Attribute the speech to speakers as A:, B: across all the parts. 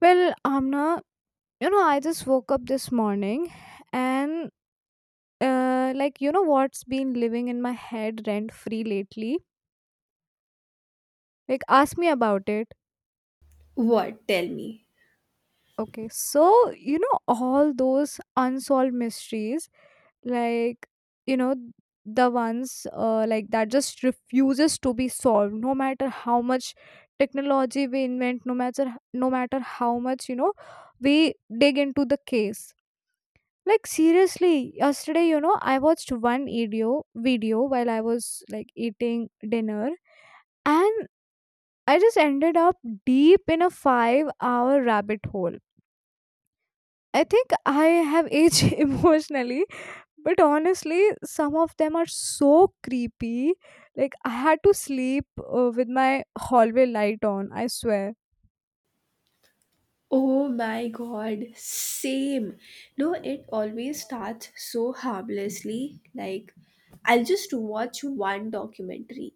A: Well, Amna, you know, I just woke up this morning and like you know what's been living in my head rent free lately? Like ask me about it.
B: What? Tell me.
A: Okay. So, you know all those unsolved mysteries like you know the ones like that just refuses to be solved no matter how much technology we invent no matter how much you know we dig into the case. Like seriously, yesterday, you know, I watched one video while I was like eating dinner and I just ended up deep in a 5-hour rabbit hole. I think I have aged emotionally, but honestly, some of them are so creepy. Like I had to sleep with my hallway light on, I swear.
B: Oh my God, same. No, it always starts so harmlessly. Like, I'll just watch one documentary.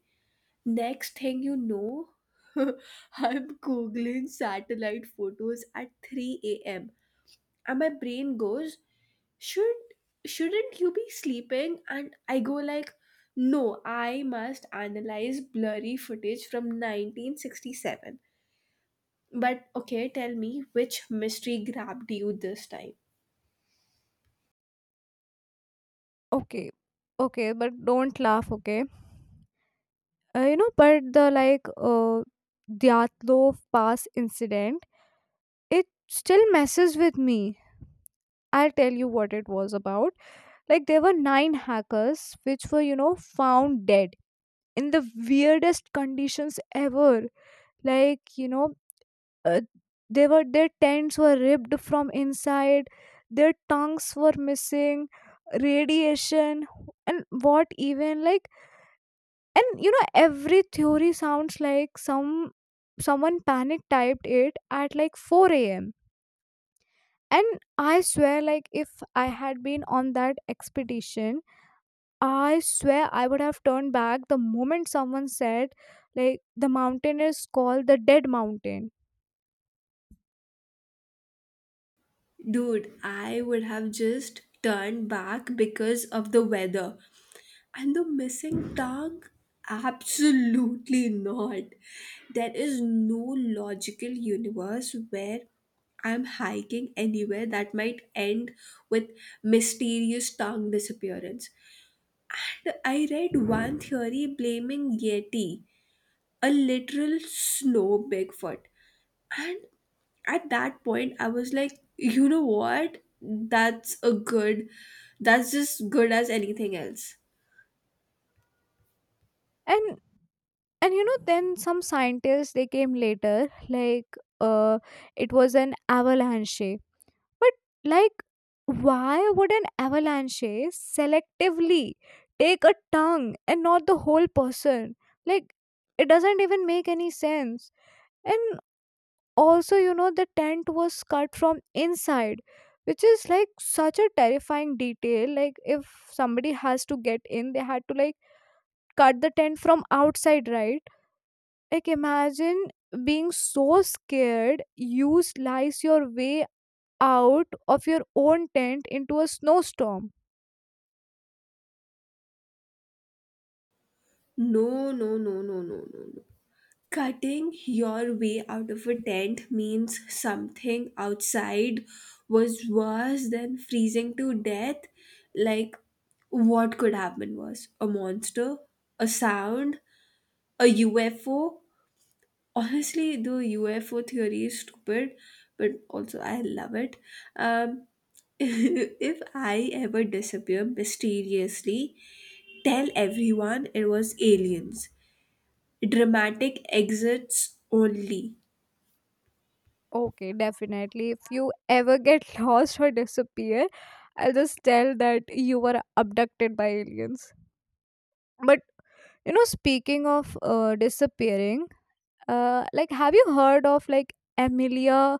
B: Next thing you know, I'm googling satellite photos at 3 a.m. And my brain goes, Should shouldn't you be sleeping? And I go like, no, I must analyze blurry footage from 1967. But okay, tell me, which mystery grabbed you this time?
A: Okay. Okay, but don't laugh, okay? You know but the like Dyatlov pass incident, it still messes with me. I'll tell you what it was about. Like there were nine hackers which were you know found dead in the weirdest conditions ever. Like you know, uh, they were, their tents were ripped from inside, their tongues were missing, radiation, and what even, like, and you know every theory sounds like someone panic typed it at like 4 a.m. And I swear, like if I had been on that expedition, I swear I would have turned back the moment someone said like the mountain is called the dead mountain.
B: Dude, I would have just turned back because of the weather. And the missing tongue? Absolutely not. There is no logical universe where I'm hiking anywhere that might end with mysterious tongue disappearance. And I read one theory blaming Yeti, a literal snow Bigfoot. And at that point, I was like, you know what? That's that's just good as anything else.
A: And and you know then some scientists they came later, like, uh it was an avalanche. But like, why would an avalanche selectively take a tongue and not the whole person? Like, it doesn't even make any sense. And also, you know, the tent was cut from inside, which is like such a terrifying detail. Like, if somebody has to get in, they had to like cut the tent from outside, right? Like, imagine being so scared you slice your way out of your own tent into a snowstorm.
B: No, no, no, no, no, no, no. Cutting your way out of a tent means something outside was worse than freezing to death. Like, what could happen was a monster, a sound, a UFO. Honestly, the UFO theory is stupid, but also I love it. um if I ever disappear mysteriously, tell everyone it was aliens. Dramatic exits only.
A: Okay, definitely. If you ever get lost or disappear, I'll just tell that you were abducted by aliens. But you know, speaking of disappearing, like, have you heard of like Amelia,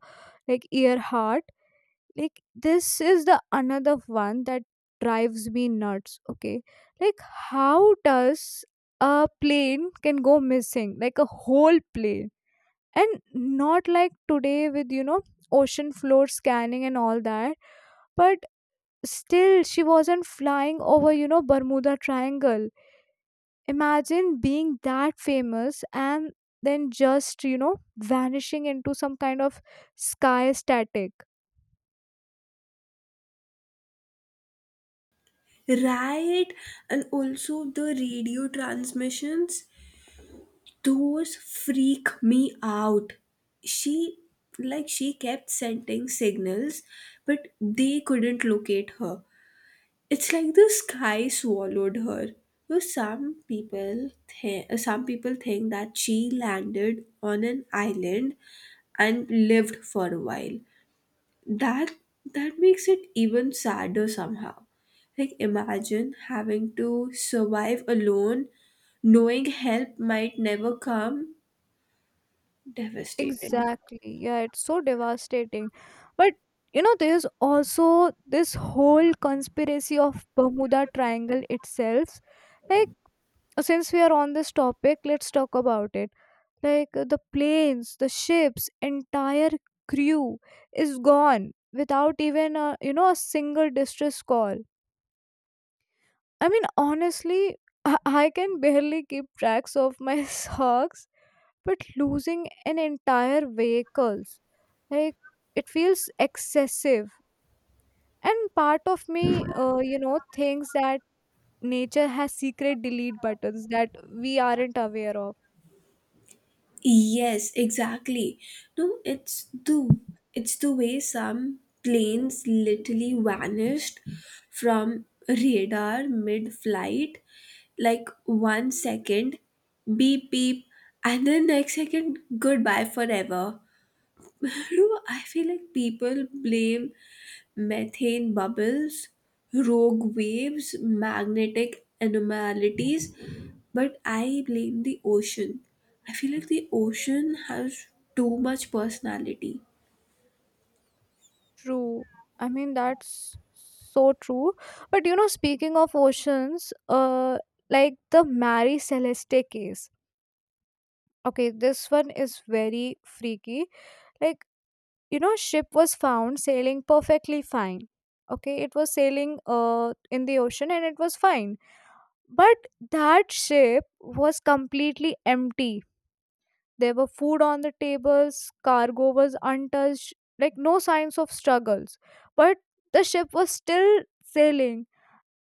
A: like Earhart? Like, this is the another one that drives me nuts. Okay, like, how does a plane can go missing? Like a whole plane, and not like today with you know ocean floor scanning and all that, but still she wasn't flying over you know Bermuda Triangle. Imagine being that famous and then just you know vanishing into some kind of sky static.
B: Right. And also the radio transmissions, those freak me out. She, like, she kept sending signals, but they couldn't locate her. It's like the sky swallowed her. So some people some people think that she landed on an island and lived for a while. That that makes it even sadder somehow. Like, imagine having to survive alone, knowing help might never come. Devastating.
A: Exactly, yeah, it's so devastating. But you know there's also this whole conspiracy of Bermuda Triangle itself. Like, since we are on this topic, let's talk about it. Like the planes, the ships, entire crew is gone without even a you know a single distress call. I mean honestly, I can barely keep tracks of my socks, but losing an entire vehicles, like, it feels excessive. And part of me you know thinks that nature has secret delete buttons that we aren't aware of.
B: Yes, exactly. No, it's the, it's the way some planes literally vanished from radar mid-flight. Like, one second, beep beep, and then next second, goodbye forever. No, I feel like people blame methane bubbles, rogue waves, magnetic anomalies, but I blame the ocean. I feel like the ocean has too much personality.
A: True. I mean, that's so true. But you know, speaking of oceans, like the Marie Celeste case. Okay, this one is very freaky. Like, you know, ship was found sailing perfectly fine. Okay, it was sailing in the ocean and it was fine. But that ship was completely empty. There were food on the tables, cargo was untouched, like no signs of struggles. But the ship was still sailing.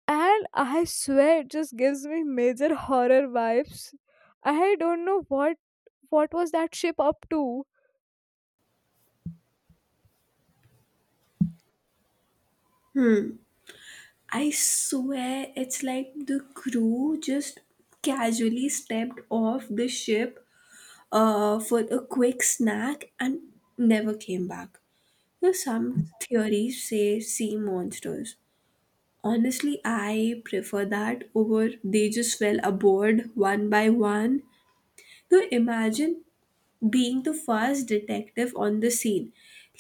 A: And I swear it just gives me major horror vibes. I don't know what was that ship up to.
B: I swear it's like the crew just casually stepped off the ship for a quick snack and never came back. You know, some theories say sea monsters. Honestly, I prefer that over they just fell aboard one by one. Now imagine being the first detective on the scene.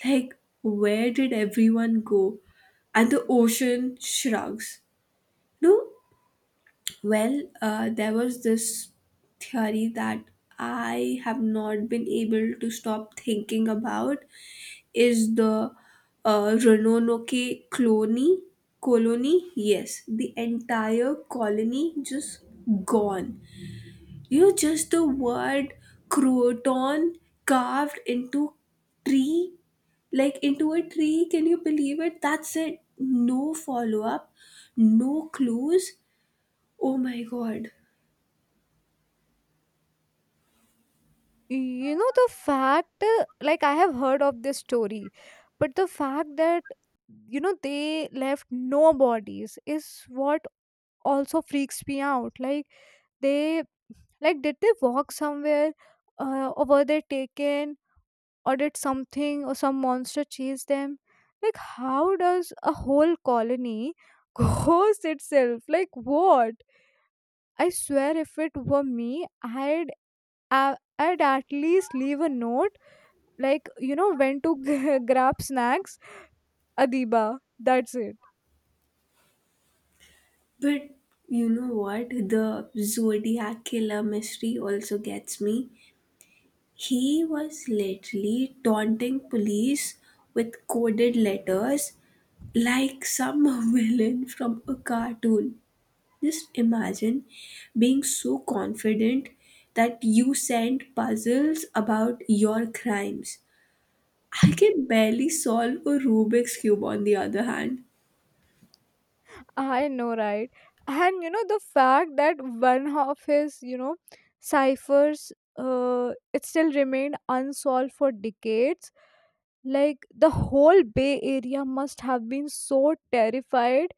B: Like, where did everyone go? And the ocean shrugs. No, well, there was this theory that I have not been able to stop thinking about, is the Roanoke colony. Colony, yes, the entire colony just gone. You know, just the word croton carved into tree, like into a tree. Can you believe it? That's it. No follow up, no clues. Oh my God.
A: You know the fact like I have heard of this story, but the fact that you know they left no bodies is what also freaks me out. Like they, like, did they walk somewhere, or were they taken, or did something or some monster chase them? Like, how does a whole colony ghost itself? Like, what? I swear, if it were me, I'd at least leave a note, like you know, when to grab snacks, Adiba. That's it.
B: But you know what? The Zodiac killer mystery also gets me. He was literally taunting police with coded letters like some villain from a cartoon. Just imagine being so confident that you send puzzles about your crimes. I can barely solve a Rubik's Cube, on the other hand.
A: I know, right? And you know, the fact that one of his, you know, ciphers, it still remained unsolved for decades. Like, the whole Bay Area must have been so terrified.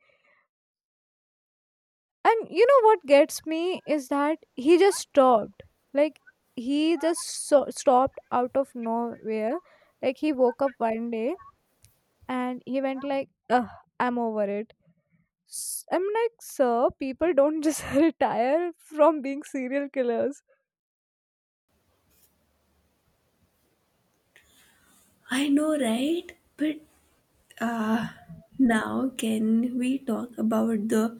A: And you know what gets me is that he just stopped. Like, he just stopped out of nowhere. Like, he woke up one day and he went like, Ugh, I'm over it. I'm like, sir, people don't just retire from being serial killers.
B: I know, right? But uh, now, can we talk about the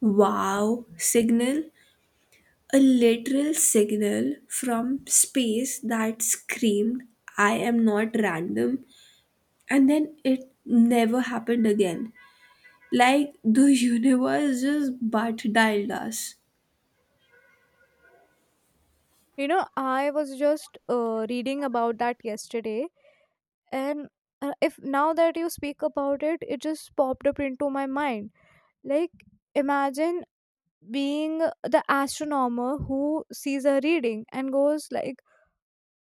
B: Wow signal? A literal signal from space that screamed, I am not random. And then it never happened again. Like the universe just butt dialed us.
A: You know, I was just reading about that yesterday, and if now that you speak about it, it just popped up into my mind. Like, imagine being the astronomer who sees a reading and goes like,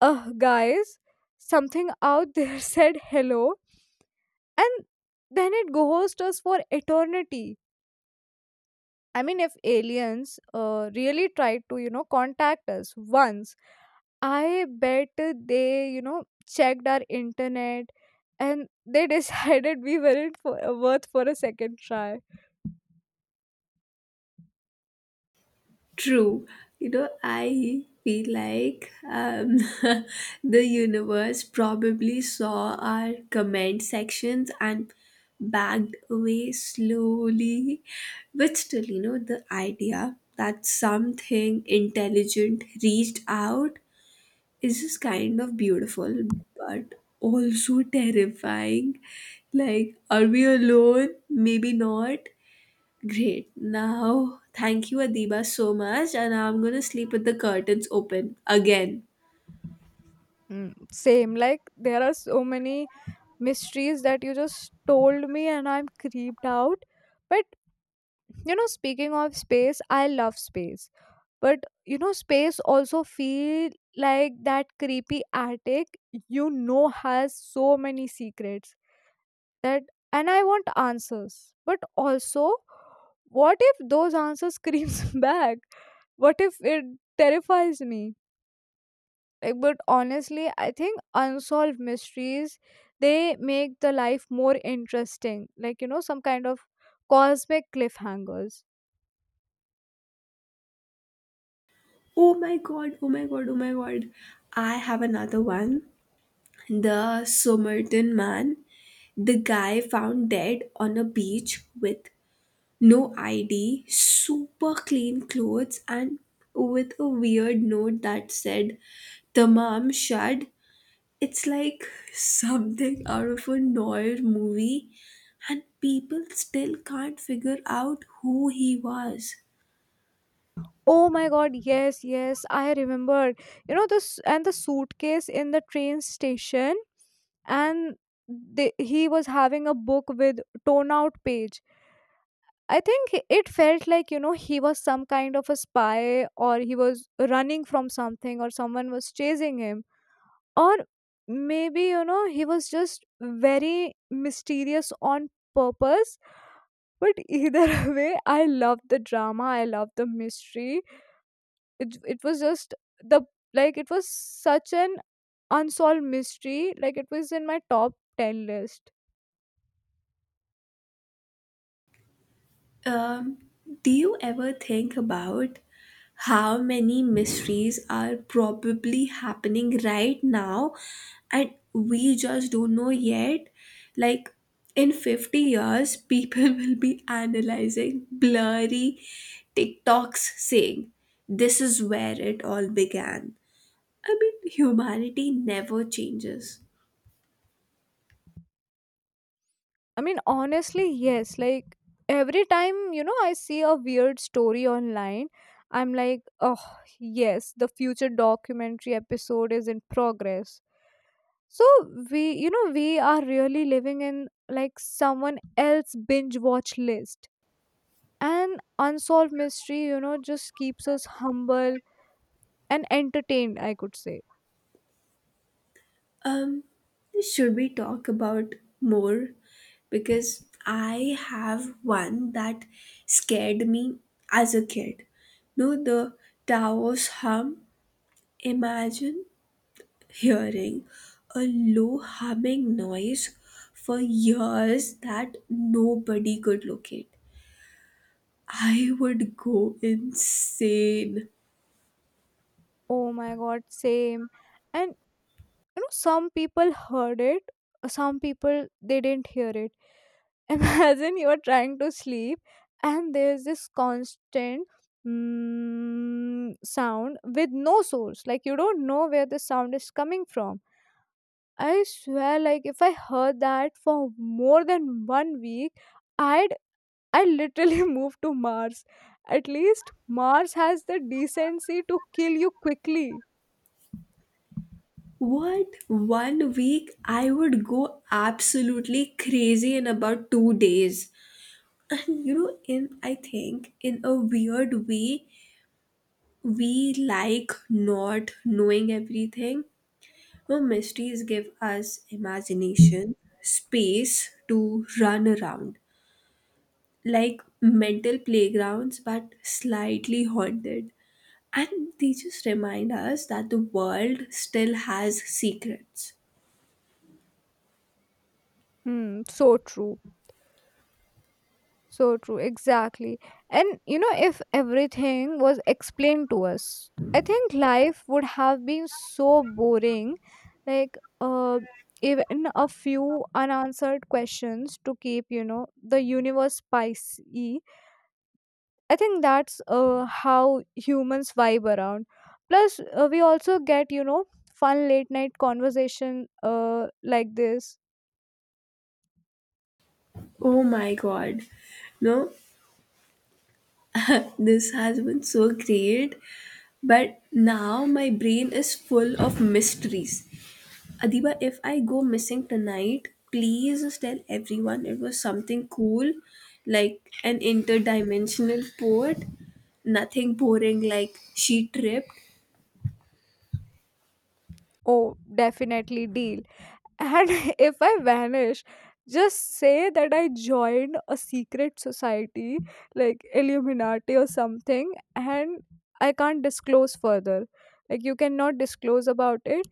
A: Guys, something out there said hello," and then it ghosts us for eternity. I mean, if aliens really tried to, you know, contact us once, I bet they, you know, checked our internet and they decided we weren't for, worth for a second try.
B: True. You know, I feel like the universe probably saw our comment sections and backed away slowly. But still, you know, the idea that something intelligent reached out is just kind of beautiful, but also terrifying. Like, are we alone? Maybe not. Great. Now, thank you, Adiba, so much. And now I'm going to sleep with the curtains open again.
A: Mm, same, like there are so many mysteries that you just told me and I'm creeped out. But, you know, speaking of space, I love space. But you know space also feel like that creepy attic, you know, has so many secrets that, and I want answers, but also what if those answers screams back? What if it terrifies me? Like, but honestly I think unsolved mysteries, they make the life more interesting, like you know some kind of cosmic cliffhangers.
B: Oh my god, oh my god, oh my god. I have another one. The Somerton man, the guy found dead on a beach with no ID, super clean clothes, and with a weird note that said, Tamam Shad. It's like something out of a Noir movie, and people still can't figure out who he was.
A: Oh my god, yes, yes, I remembered. You know this and the suitcase in the train station, and they, he was having a book with torn out page. I think it felt like you know he was some kind of a spy or he was running from something or someone was chasing him, or maybe you know he was just very mysterious on purpose. But either way, I love the drama, I love the mystery. It was just the, like it was such an unsolved mystery, like it was in my top 10 list.
B: Um, do you ever think about how many mysteries are probably happening right now and we just don't know yet? Like, in 50 years, people will be analyzing blurry TikToks saying, this is where it all began. I mean, humanity never changes.
A: I mean honestly yes, like every time you know I see a weird story online, I'm like, oh yes, the future documentary episode is in progress. So, we, you know, we are really living in like someone else binge watch list. And unsolved mystery you know just keeps us humble and entertained, I could say.
B: Um, should we talk about more? Because I have one that scared me as a kid. No, the Tao's hum. Imagine hearing a low humming noise for years that nobody could locate. I would go insane.
A: Oh my god, same. And you know, some people heard it, some people they didn't hear it. Imagine you are trying to sleep and there's this constant sound with no source. Like you don't know where the sound is coming from. I swear, like if I heard that for more than one week, I'd, I literally move to Mars. At least Mars has the decency to kill you quickly.
B: What? One week? I would go absolutely crazy in about two days. And you know, in, I think, in a weird way, we like not knowing everything. No, mysteries give us imagination, space to run around. Like mental playgrounds but slightly haunted. And they just remind us that the world still has secrets.
A: Hmm, so true. So true, exactly. And you know, if everything was explained to us, I think life would have been so boring. Like, even a few unanswered questions to keep, you know, the universe spicy. I think that's how humans vibe around. Plus, we also get, you know, fun late night conversation like this.
B: Oh my God. No, this has been so great. But now my brain is full of mysteries. Adiba, if I go missing tonight, please just tell everyone it was something cool, like an interdimensional port. Nothing boring like she tripped.
A: Oh, definitely deal. And if I vanish, just say that I joined a secret society like Illuminati or something, and I can't disclose further. Like, you cannot disclose about it.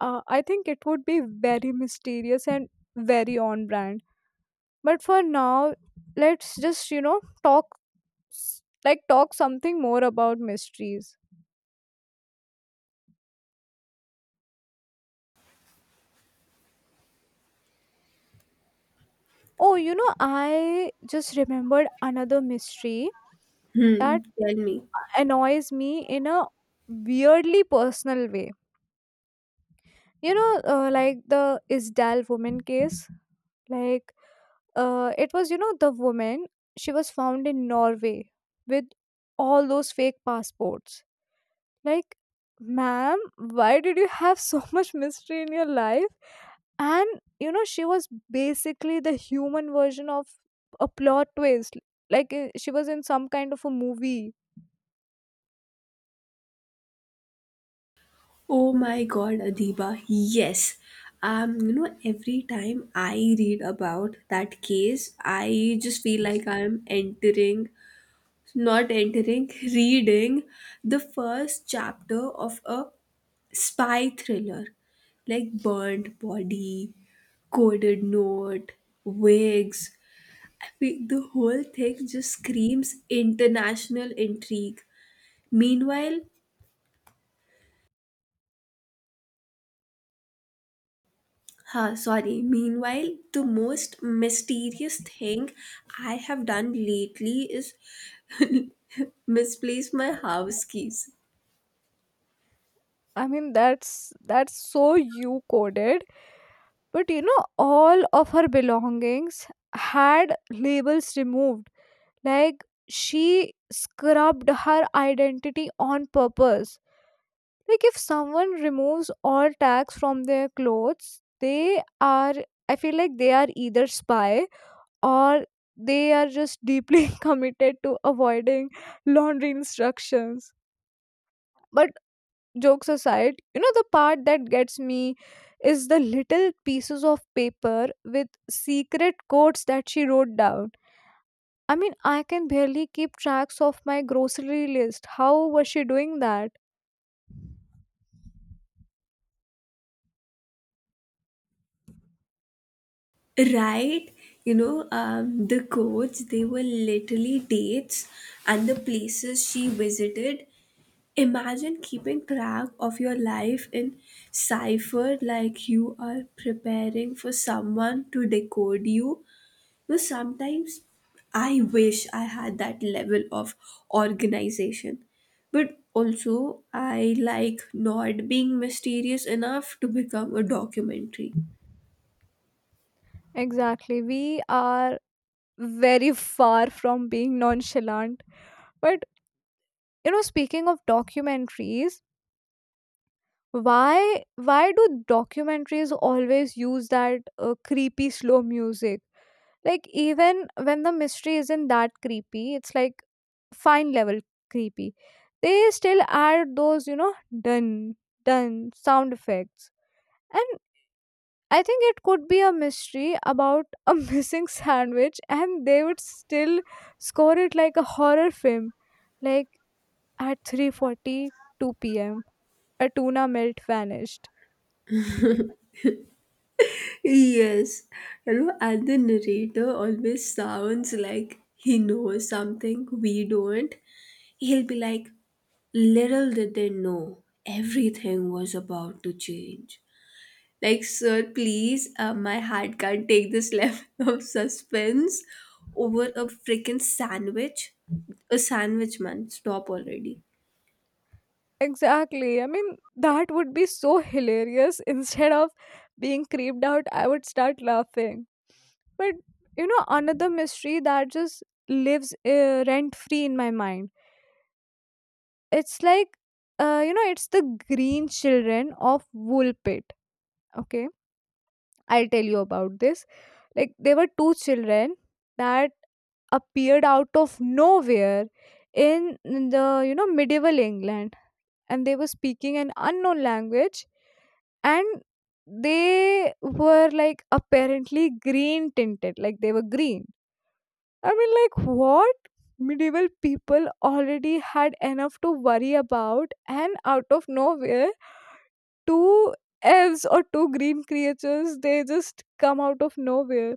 A: I think it would be very mysterious and very on brand. But for now, let's just, you know, talk like talk something more about mysteries. Oh, you know, I just remembered another mystery that
B: Hmm, tell me.
A: annoys me in a weirdly personal way. You know, like the Isdal woman case, like, it was, you know, the woman, she was found in Norway with all those fake passports. Like, ma'am, why did you have so much mystery in your life? And, you know, she was basically the human version of a plot twist. Like, she was in some kind of a movie.
B: Oh my God, Adiba, yes. You know, every time I read about that case, I just feel like I'm not entering, reading the first chapter of a spy thriller. Like burnt body, coded note, wigs. I mean, the whole thing just screams international intrigue. Meanwhile, Huh, sorry. Meanwhile, the most mysterious thing I have done lately is misplace my house keys.
A: I mean, that's so you coded. But you know, all of her belongings had labels removed. Like she scrubbed her identity on purpose. Like if someone removes all tags from their clothes, they are, I feel like they are either spy or they are just deeply committed to avoiding laundry instructions. But jokes aside, you know, the part that gets me is the little pieces of paper with secret codes that she wrote down. I mean, I can barely keep tracks of my grocery list. How was she doing that?
B: Right? You know, the coach, they were literally dates and the places she visited. Imagine keeping track of your life in cipher like you are preparing for someone to decode you. But sometimes I wish I had that level of organization. But also, I like not being mysterious enough to become a documentary.
A: Exactly. We are very far from being nonchalant. But, you know, speaking of documentaries, why do documentaries always use that creepy slow music? Like even when the mystery isn't that creepy, it's like fine level creepy. They still add those, you know, dun dun sound effects. And I think it could be a mystery about a missing sandwich, and they would still score it like a horror film. Like at 3:42 p.m. a tuna melt vanished.
B: Yes, you know, and the narrator always sounds like he knows something we don't. He'll be like, little did they know, everything was about to change. Like, sir, please, my heart can't take this level of suspense over a freaking sandwich. A sandwich, man, stop already.
A: Exactly. I mean, that would be so hilarious. Instead of being creeped out, I would start laughing. But another mystery that just lives rent free in my mind. It's like, you know, it's the green children of Woolpit. Okay, I'll tell you about this. Like, there were two children that appeared out of nowhere in medieval England, and they were speaking an unknown language, and they were like apparently green tinted, like they were green. I mean, like, what? Medieval people already had enough to worry about, and out of nowhere, two elves or two green creatures they just come out of nowhere.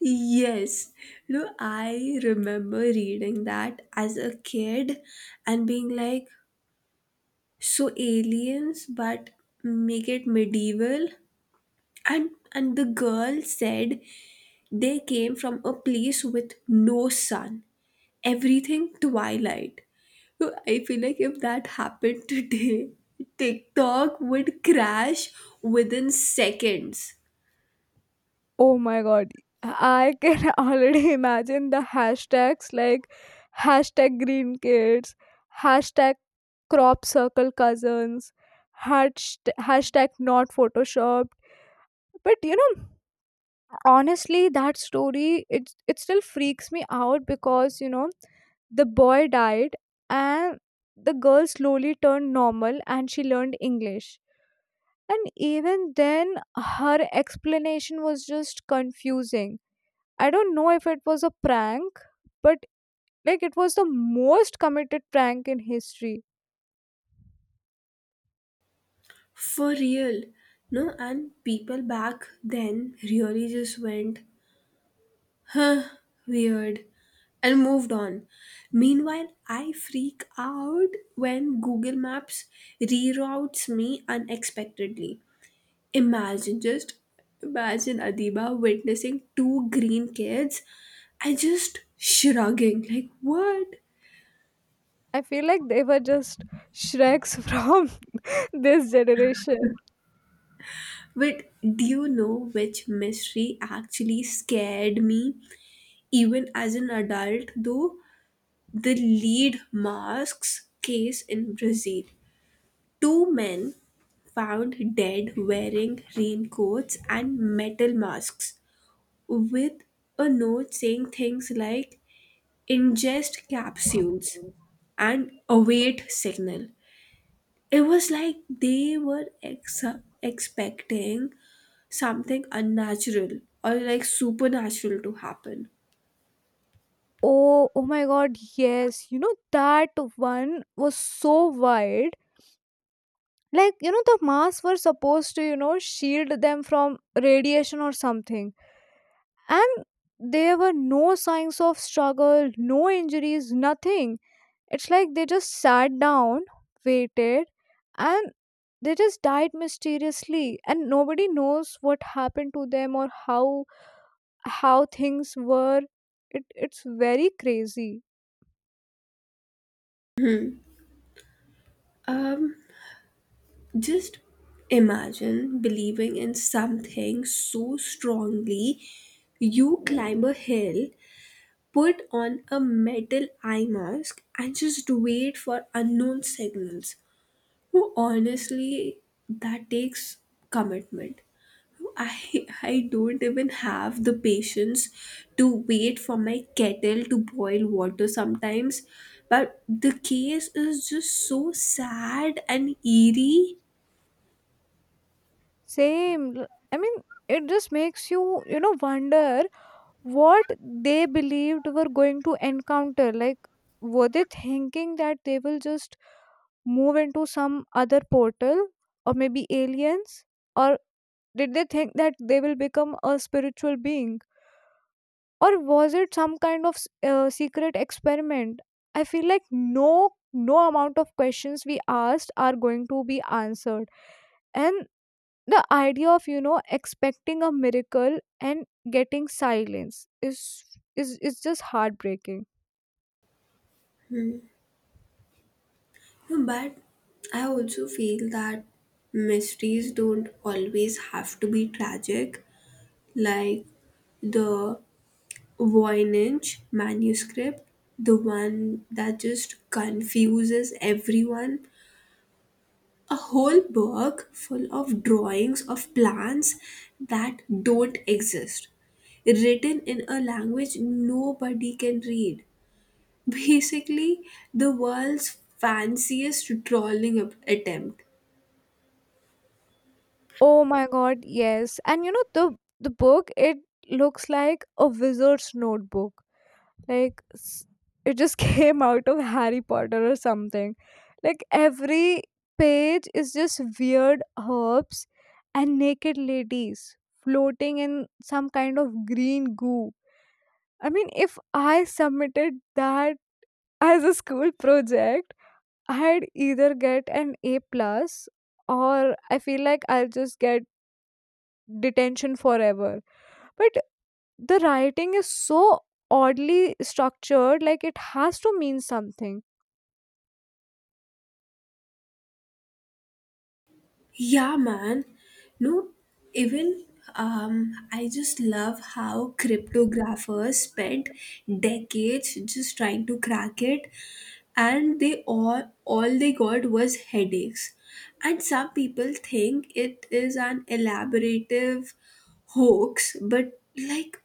B: Yes, no, I remember reading that as a kid and being like, so aliens, but make it medieval. And the girl said they came from a place with no sun. Everything twilight. So I feel like if that happened today, TikTok would crash within seconds.
A: Oh my god, I can already imagine the hashtags like hashtag green kids, hashtag crop circle cousins, hashtag not photoshopped. But you know, honestly that story it still freaks me out because the boy died, and the girl slowly turned normal and she learned English, and even then her explanation was just confusing. I don't know if it was a prank, but like it was the most committed prank in history.
B: For real. No, and people back then really just went weird and moved on. Meanwhile, I freak out when Google Maps reroutes me unexpectedly. Imagine, just imagine Adiba witnessing two green kids and just shrugging, like, what?
A: I feel like they were just shreks from this generation.
B: But do you know which mystery actually scared me? Even as an adult, though, the lead masks case in Brazil. Two men found dead wearing raincoats and metal masks with a note saying things like ingest capsules and await signal. It was like they were expecting something unnatural or like supernatural to happen.
A: Oh, oh my god, yes. You know, that one was so wide. Like, the masks were supposed to, shield them from radiation or something. And there were no signs of struggle, no injuries, nothing. It's like they just sat down, waited, and they just died mysteriously. And nobody knows what happened to them or how things were. It's very crazy.
B: Um, just imagine believing in something so strongly you climb a hill, put on a metal eye mask, and just wait for unknown signals. Who, honestly, that takes commitment. I don't even have the patience to wait for my kettle to boil water sometimes. But the case is just so sad and eerie.
A: Same. I mean, it just makes you, wonder what they believed were going to encounter. Like, were they thinking that they will just move into some other portal, or maybe aliens? Or did they think that they will become a spiritual being? Or was it some kind of secret experiment? I feel like no amount of questions we asked are going to be answered, and the idea of expecting a miracle and getting silence is just heartbreaking.
B: But I also feel that mysteries don't always have to be tragic. Like the Voynich manuscript, the one that just confuses everyone. A whole book full of drawings of plants that don't exist, written in a language nobody can read. Basically, the world's fanciest drawing attempt.
A: Oh my god, yes. And you know the book it looks like a wizard's notebook. like s- it just came out of Harry Potter or something. Like every page is just weird herbs and naked ladies floating in some kind of green goo. I mean, if I submitted that as a school project, I'd either get an A plus, or I feel like I'll just get detention forever. But the writing is so oddly structured, like it has to mean something.
B: Yeah, man. No, even I just love how cryptographers spent decades just trying to crack it, and they all they got was headaches. And some people think it is an elaborative hoax, but like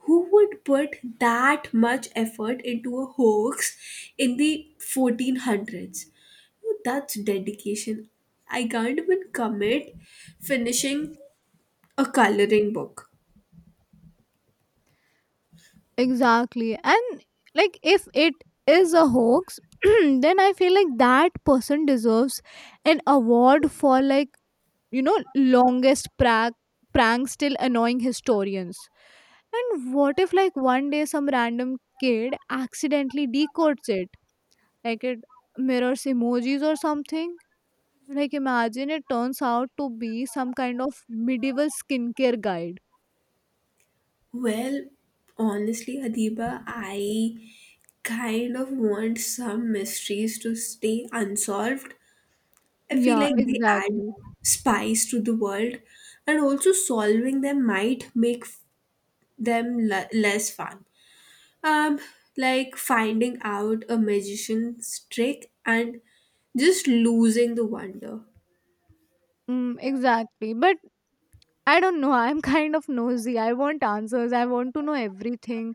B: who would put that much effort into a hoax in the 1400s? That's dedication. I can't even commit finishing a coloring book.
A: Exactly. And like if it is a hoax, then I feel like that person deserves an award for like, longest prank still annoying historians. And what if like one day some random kid accidentally decodes it, like it mirrors emojis or something. Like imagine it turns out to be some kind of medieval skincare guide.
B: Well, honestly, Adiba, I kind of want some mysteries to stay unsolved. I feel
A: Yeah,
B: like they add
A: exactly.
B: spice to the world, and also solving them might make them less fun. Um, like finding out a magician's trick and just losing the wonder.
A: Mm, exactly. But I don't know. I'm kind of nosy. I want answers. I want to know everything.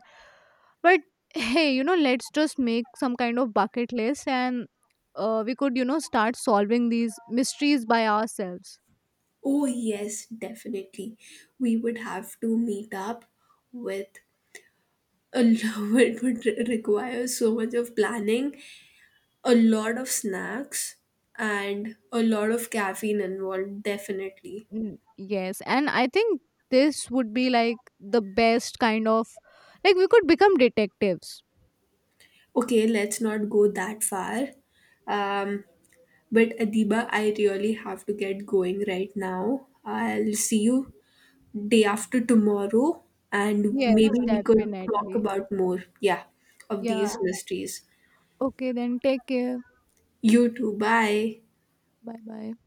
A: But hey, you know, let's just make some kind of bucket list, and we could, start solving these mysteries by ourselves.
B: Oh, yes, definitely. We would have to meet up with a lot. It would require so much of planning, a lot of snacks, and a lot of caffeine involved, definitely.
A: Mm, yes. And I think this would be like the best kind of, like we could become detectives.
B: Okay, let's not go that far. Um, but Adiba, I really have to get going right now. I'll see you day after tomorrow, and
A: Yes,
B: maybe we could talk
A: definitely.
B: about more, yeah, of these
A: Yeah,
B: mysteries.
A: okay then, take care.
B: You too, bye.
A: Bye bye.